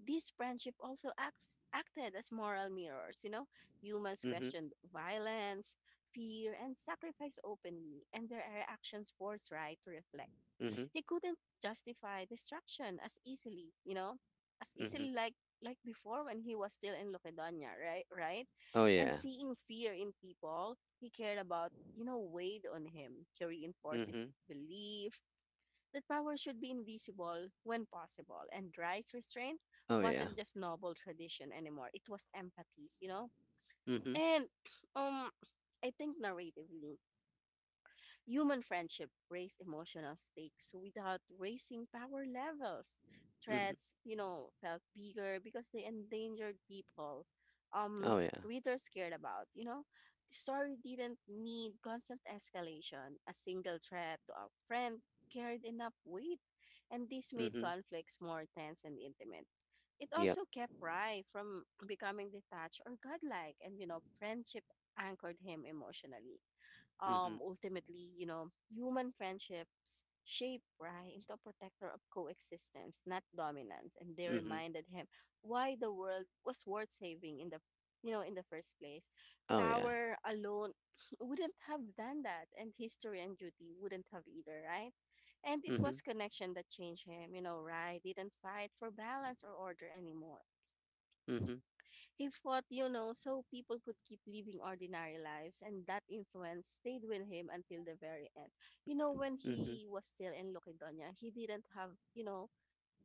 Speaker 2: This friendship acted as moral mirrors. You know, humans
Speaker 1: Mhm.
Speaker 2: questioned violence, fear, and sacrifice openly, and their actions forced Rai to reflect.
Speaker 1: Mhm.
Speaker 2: He couldn't justify destruction as easily, you know, as
Speaker 1: Mhm.
Speaker 2: easily like before when he was still in Loquedonia, right? Right?
Speaker 1: Oh
Speaker 2: And
Speaker 1: yeah.
Speaker 2: seeing fear in people he cared about, you know, weighed on him. He reinforced his
Speaker 1: Mhm.
Speaker 2: belief that power should be invisible when possible. And Dry's restraint
Speaker 1: Oh yeah.
Speaker 2: wasn't just noble tradition anymore. It was empathy, you know?
Speaker 1: Mhm.
Speaker 2: And um I think narratively, human friendship raise emotional stakes without raising power levels.
Speaker 1: Mhm.
Speaker 2: Threats, you know, felt bigger because they endangered people.
Speaker 1: Oh, yeah.
Speaker 2: Readers cared about, you know. The story didn't need constant escalation. A single threat to a friend carried enough weight, and this made
Speaker 1: Mhm.
Speaker 2: conflicts more tense and intimate. It
Speaker 1: Yep.
Speaker 2: also kept Rai from becoming detached or godlike, and you know, friendship anchored him emotionally.
Speaker 1: Mhm.
Speaker 2: Ultimately, you know, human friendships shape Rai into a protector of coexistence, not dominance, and they
Speaker 1: Mhm.
Speaker 2: reminded him why the world was worth saving in the in the first place.
Speaker 1: Oh, yeah.
Speaker 2: Power alone wouldn't have done that, and history and duty wouldn't have either, right? And it
Speaker 1: Mhm.
Speaker 2: was connection that changed him. You know, Rai didn't fight for balance or order anymore.
Speaker 1: Mhm.
Speaker 2: He fought, you know, so people could keep living ordinary lives, and that influence stayed with him until the very end. You know, when
Speaker 1: Mhm.
Speaker 2: he was still in Loquidona, he didn't have, you know,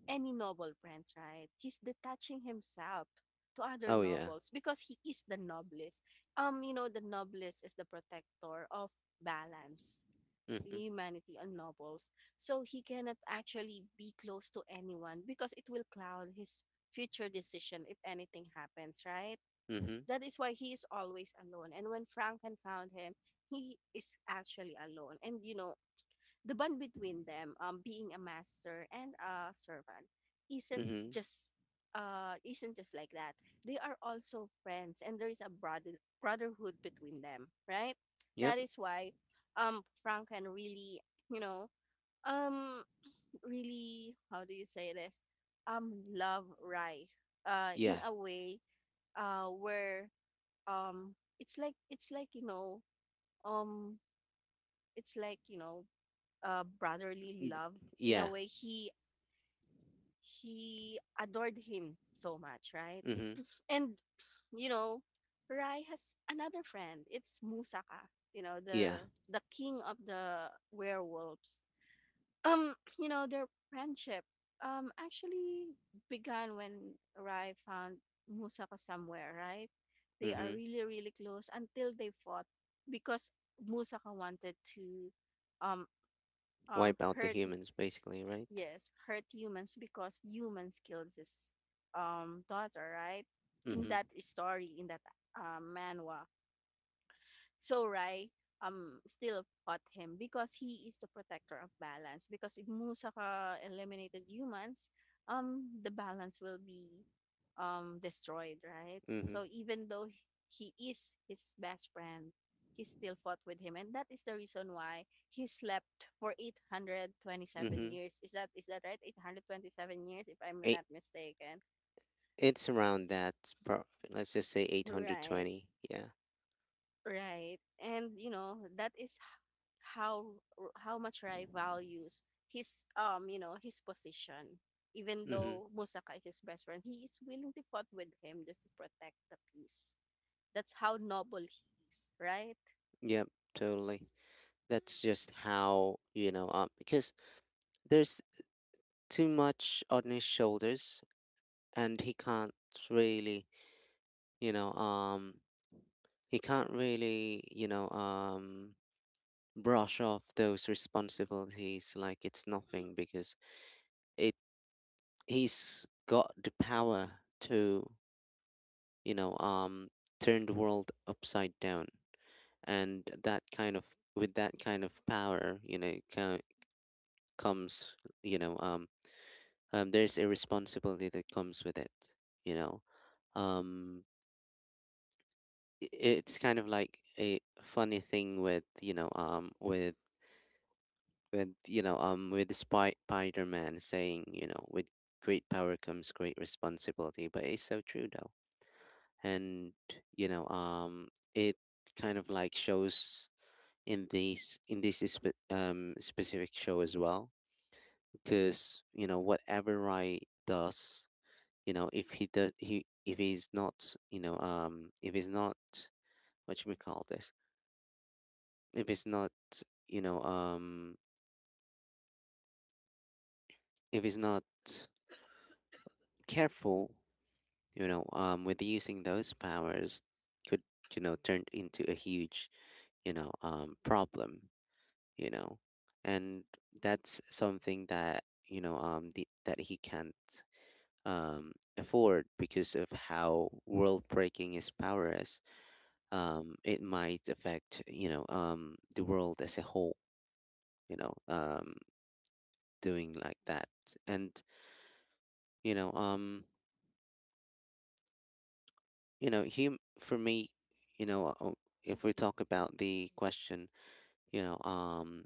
Speaker 2: any noble friends, right? He's detaching himself to other
Speaker 1: Oh, yeah.
Speaker 2: nobles because he is the noblest. You know, the noblest is the protector of balance,
Speaker 1: Mhm.
Speaker 2: humanity, and nobles. So he cannot actually be close to anyone because it will cloud his future decision if anything happens, right?
Speaker 1: Mhm.
Speaker 2: That is why he is always alone. And when Franken found him, he is actually alone. And you know, the bond between them, being a master and a servant, isn't
Speaker 1: Mhm.
Speaker 2: just isn't just like that. They are also friends, and there is a brotherhood between them, right?
Speaker 1: Yep.
Speaker 2: That is why, Franken really, you know, um, really, how do you say this? Love Rai, in
Speaker 1: Yeah.
Speaker 2: a way, where um it's like it's like you know um it's like you know brotherly love in a
Speaker 1: Yeah.
Speaker 2: way. He adored him so much, right?
Speaker 1: Mhm.
Speaker 2: And you know, rai has another friend, it's musaka, you know,
Speaker 1: Yeah.
Speaker 2: the king of the werewolves. You know, their friendship actually began when Rai found Musaka somewhere, right? They are
Speaker 1: Mhm.
Speaker 2: really, really close until they fought because Musaka wanted to um um
Speaker 1: Wipe out the
Speaker 2: hurt y-
Speaker 1: humans, basically, right?
Speaker 2: yes, hurt humans because humans killed his daughter, right? In
Speaker 1: Mhm.
Speaker 2: that story, in that manhwa. So Rai still fought him because he is the protector of balance. Because if Musaka eliminated humans, the balance will be destroyed, right?
Speaker 1: Mhm.
Speaker 2: So even though he is his best friend, he still fought with him, and that is the reason why he slept for eight hundred twenty-seven
Speaker 1: Mhm.
Speaker 2: years. Is that right? 827 years, if I'm
Speaker 1: Eight,
Speaker 2: not mistaken.
Speaker 1: it's around that. Let's just say
Speaker 2: Right.
Speaker 1: 820. Yeah.
Speaker 2: Right. And you know, that is how much Rai values his you know, his position. Even
Speaker 1: Mhm.
Speaker 2: though Musaka is his best friend, he is willing to fight with him just to protect the peace. That's how noble he is, right?
Speaker 1: Yep. Totally. That's just how, because there's too much on his shoulders, and he can't really you know he can't really you know brush off those responsibilities like it's nothing, because it he's got the power to you know um turn the world upside down. And that kind of, with that kind of power, you know co- comes you know there's a responsibility that comes with it, you know um I- it's kind of like a funny thing with with Spider-Man saying, with great power comes great responsibility. But it's so true though. And you know um it kind of like shows in these in this specific show as well, because whatever Rai does, if he's not if he's not, what should we call this, if he's not you know um if he's not careful with using those powers, could turn into a huge problem, you know and that's something that that he can't um afford, because of how world breaking his power is. It might affect the world as a whole, you know um doing like that. And you know um you know hum for me, you know uh, if we talk about the question, you know, um,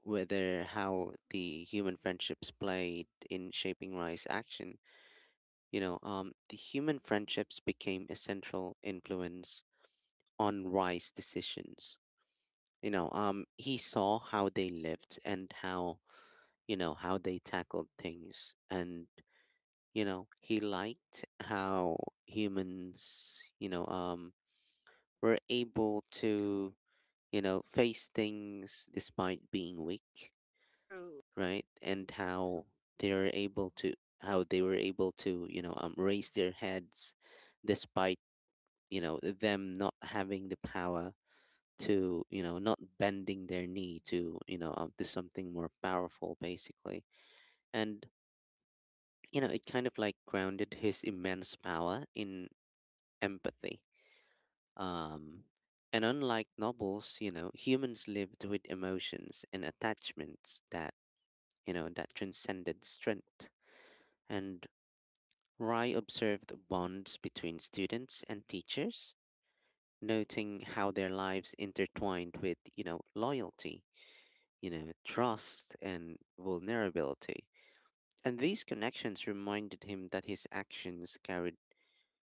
Speaker 1: whether how the human friendships played in shaping Rai's action. The human friendships became a central influence on Rai's decisions. He saw how they lived and how, how they tackled things. And, he liked how humans, were able to, face things despite being weak,
Speaker 2: True,
Speaker 1: right? And how they are able to how they were able to, raise their heads despite them not having the power, to not bending their knee to to something more powerful, basically. And it kind of like grounded his immense power in empathy. um and unlike nobles, humans lived with emotions and attachments that that transcended strength. And Rye observed bonds between students and teachers, noting how their lives intertwined with, loyalty, trust and vulnerability. And these connections reminded him that his actions carried,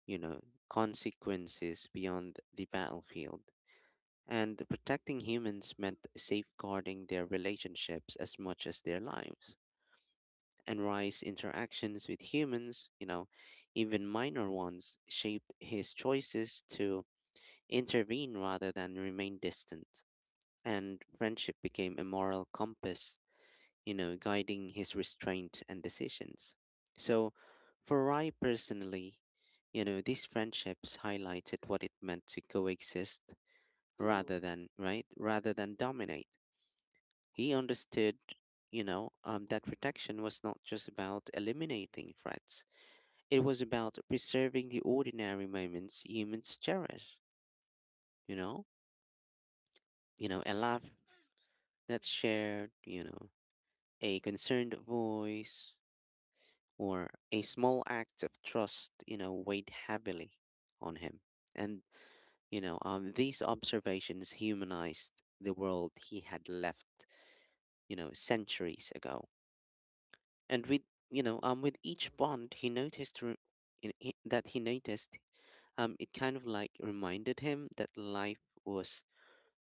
Speaker 1: you know, consequences beyond the battlefield. And protecting humans meant safeguarding their relationships as much as their lives. And Rice's interactions with humans, even minor ones, shaped his choices to intervene rather than remain distant. And friendship became a moral compass, guiding his restraint and decisions. So, for Rye personally, these friendships highlighted what it meant to coexist
Speaker 2: true,
Speaker 1: rather than, right, rather than dominate. He understood that protection was not just about eliminating threats. It was about preserving the ordinary moments humans cherish, you know? You know, a laugh that's shared, a concerned voice, or a small act of trust, weighed heavily on him. And, these observations humanized the world he had left, centuries ago. And with each bond, he noticed re- in, he- that he noticed it kind of like reminded him that life was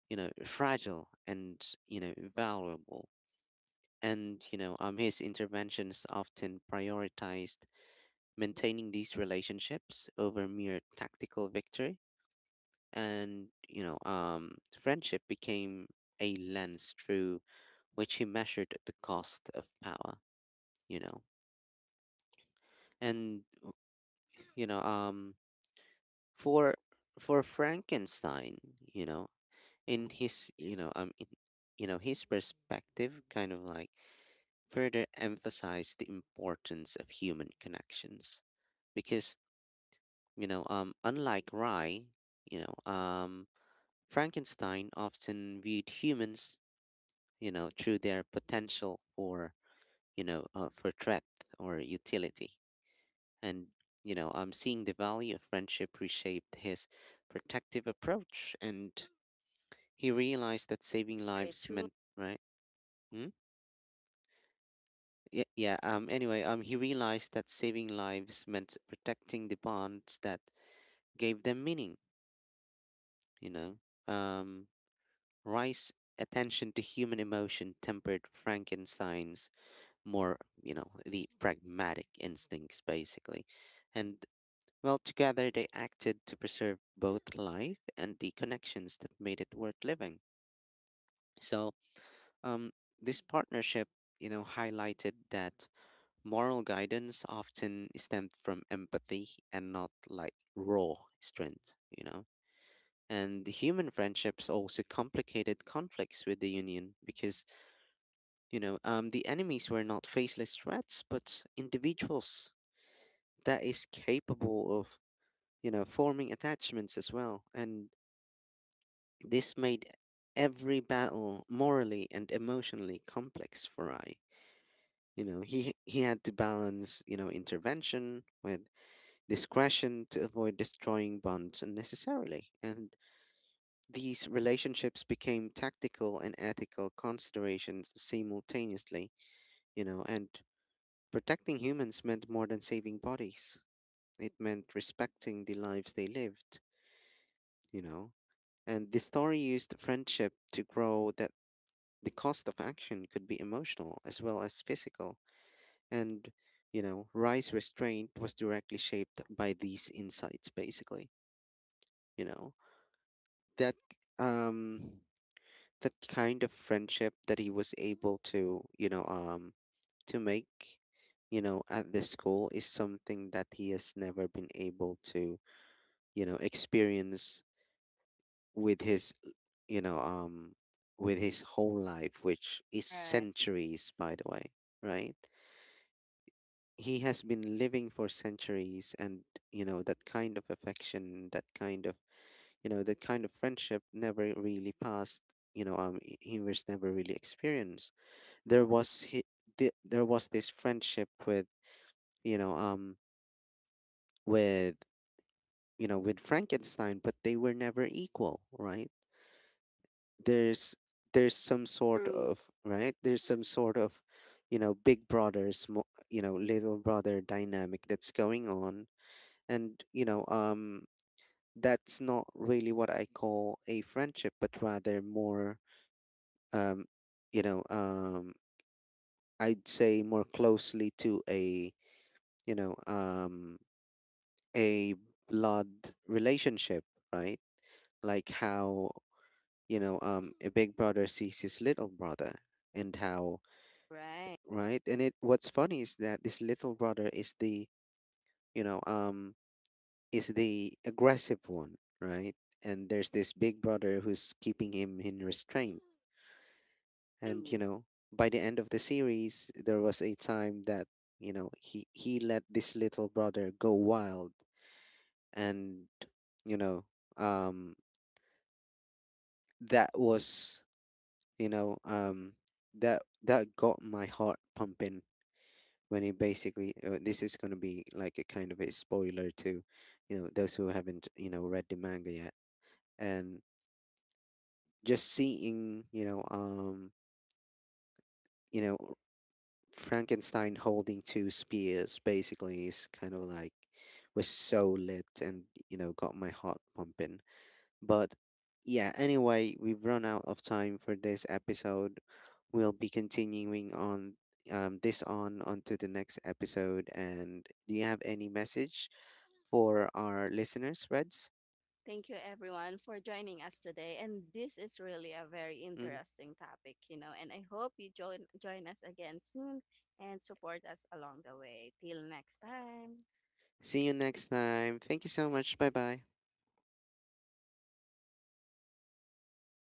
Speaker 1: fragile and, valuable. And, his interventions often prioritized maintaining these relationships over mere tactical victory. And, friendship became a lens through which he measured the cost of power, you know. And, you know, um, for, for Frankenstein, you know, in his, you know, in, you know, his perspective kind of like further emphasize the importance of human connections, because unlike Rye, you know um Frankenstein often viewed humans through their potential for for threat or utility. And seeing the value of friendship reshaped his protective approach, and he realized that saving
Speaker 2: very
Speaker 1: lives
Speaker 2: true.
Speaker 1: meant, right. Hmm? Yeah, yeah. Anyway, he realized that saving lives meant protecting the bonds that gave them meaning. You know, um, Rice's attention to human emotion tempered Frankenstein's more, the pragmatic instincts, basically, and well, together they acted to preserve both life and the connections that made it worth living. So, um, this partnership, highlighted that moral guidance often stemmed from empathy and not like raw strength, you know? And the human friendships also complicated conflicts with the Union, because, the enemies were not faceless threats, but individuals that is capable of, forming attachments as well. And this made every battle morally and emotionally complex for Rai. You know, he had to balance, intervention with discretion to avoid destroying bonds unnecessarily. And these relationships became tactical and ethical considerations simultaneously, and protecting humans meant more than saving bodies. It meant respecting the lives they lived, you know. And the story used friendship to grow that the cost of action could be emotional as well as physical. And, Rice restraint was directly shaped by these insights, basically, you know. that um that kind of friendship that he was able to to make at this school is something that he has never been able to experience with his you know um with his whole life, which is
Speaker 2: Right.
Speaker 1: centuries by the way, right? He has been living for centuries, and that kind of affection, that kind of, that kind of friendship never really passed. He was never really experienced. there was he, there was this friendship with you know um with with Frankenstein, but they were never equal, right? there's
Speaker 2: True,
Speaker 1: there's some sort of, big brother, small you know little brother dynamic that's going on. And that's not really what I call a friendship, but rather more um, you know, um, I'd say more closely to a, you know, um, a blood relationship, right? Like how, a big brother sees his little brother, and how,
Speaker 2: right.
Speaker 1: right? And what's funny is that this little brother is the, you know, um, is the aggressive one, right? And there's this big brother who's keeping him in restraint. And
Speaker 2: True.
Speaker 1: by the end of the series, there was a time that he let this little brother go wild. And you know um that was, you know um that that got my heart pumping, when he basically, this is going to be like a kind of a spoiler to those who haven't read the manga yet. And just seeing you know Frankenstein holding two spears basically is kind of like was so lit, and got my heart pumping. But yeah, anyway, we've run out of time for this episode. We'll be continuing on, this on onto the next episode. And do you have any message for our listeners, Reds? Mhm. See you next time. Thank you so much. Bye bye.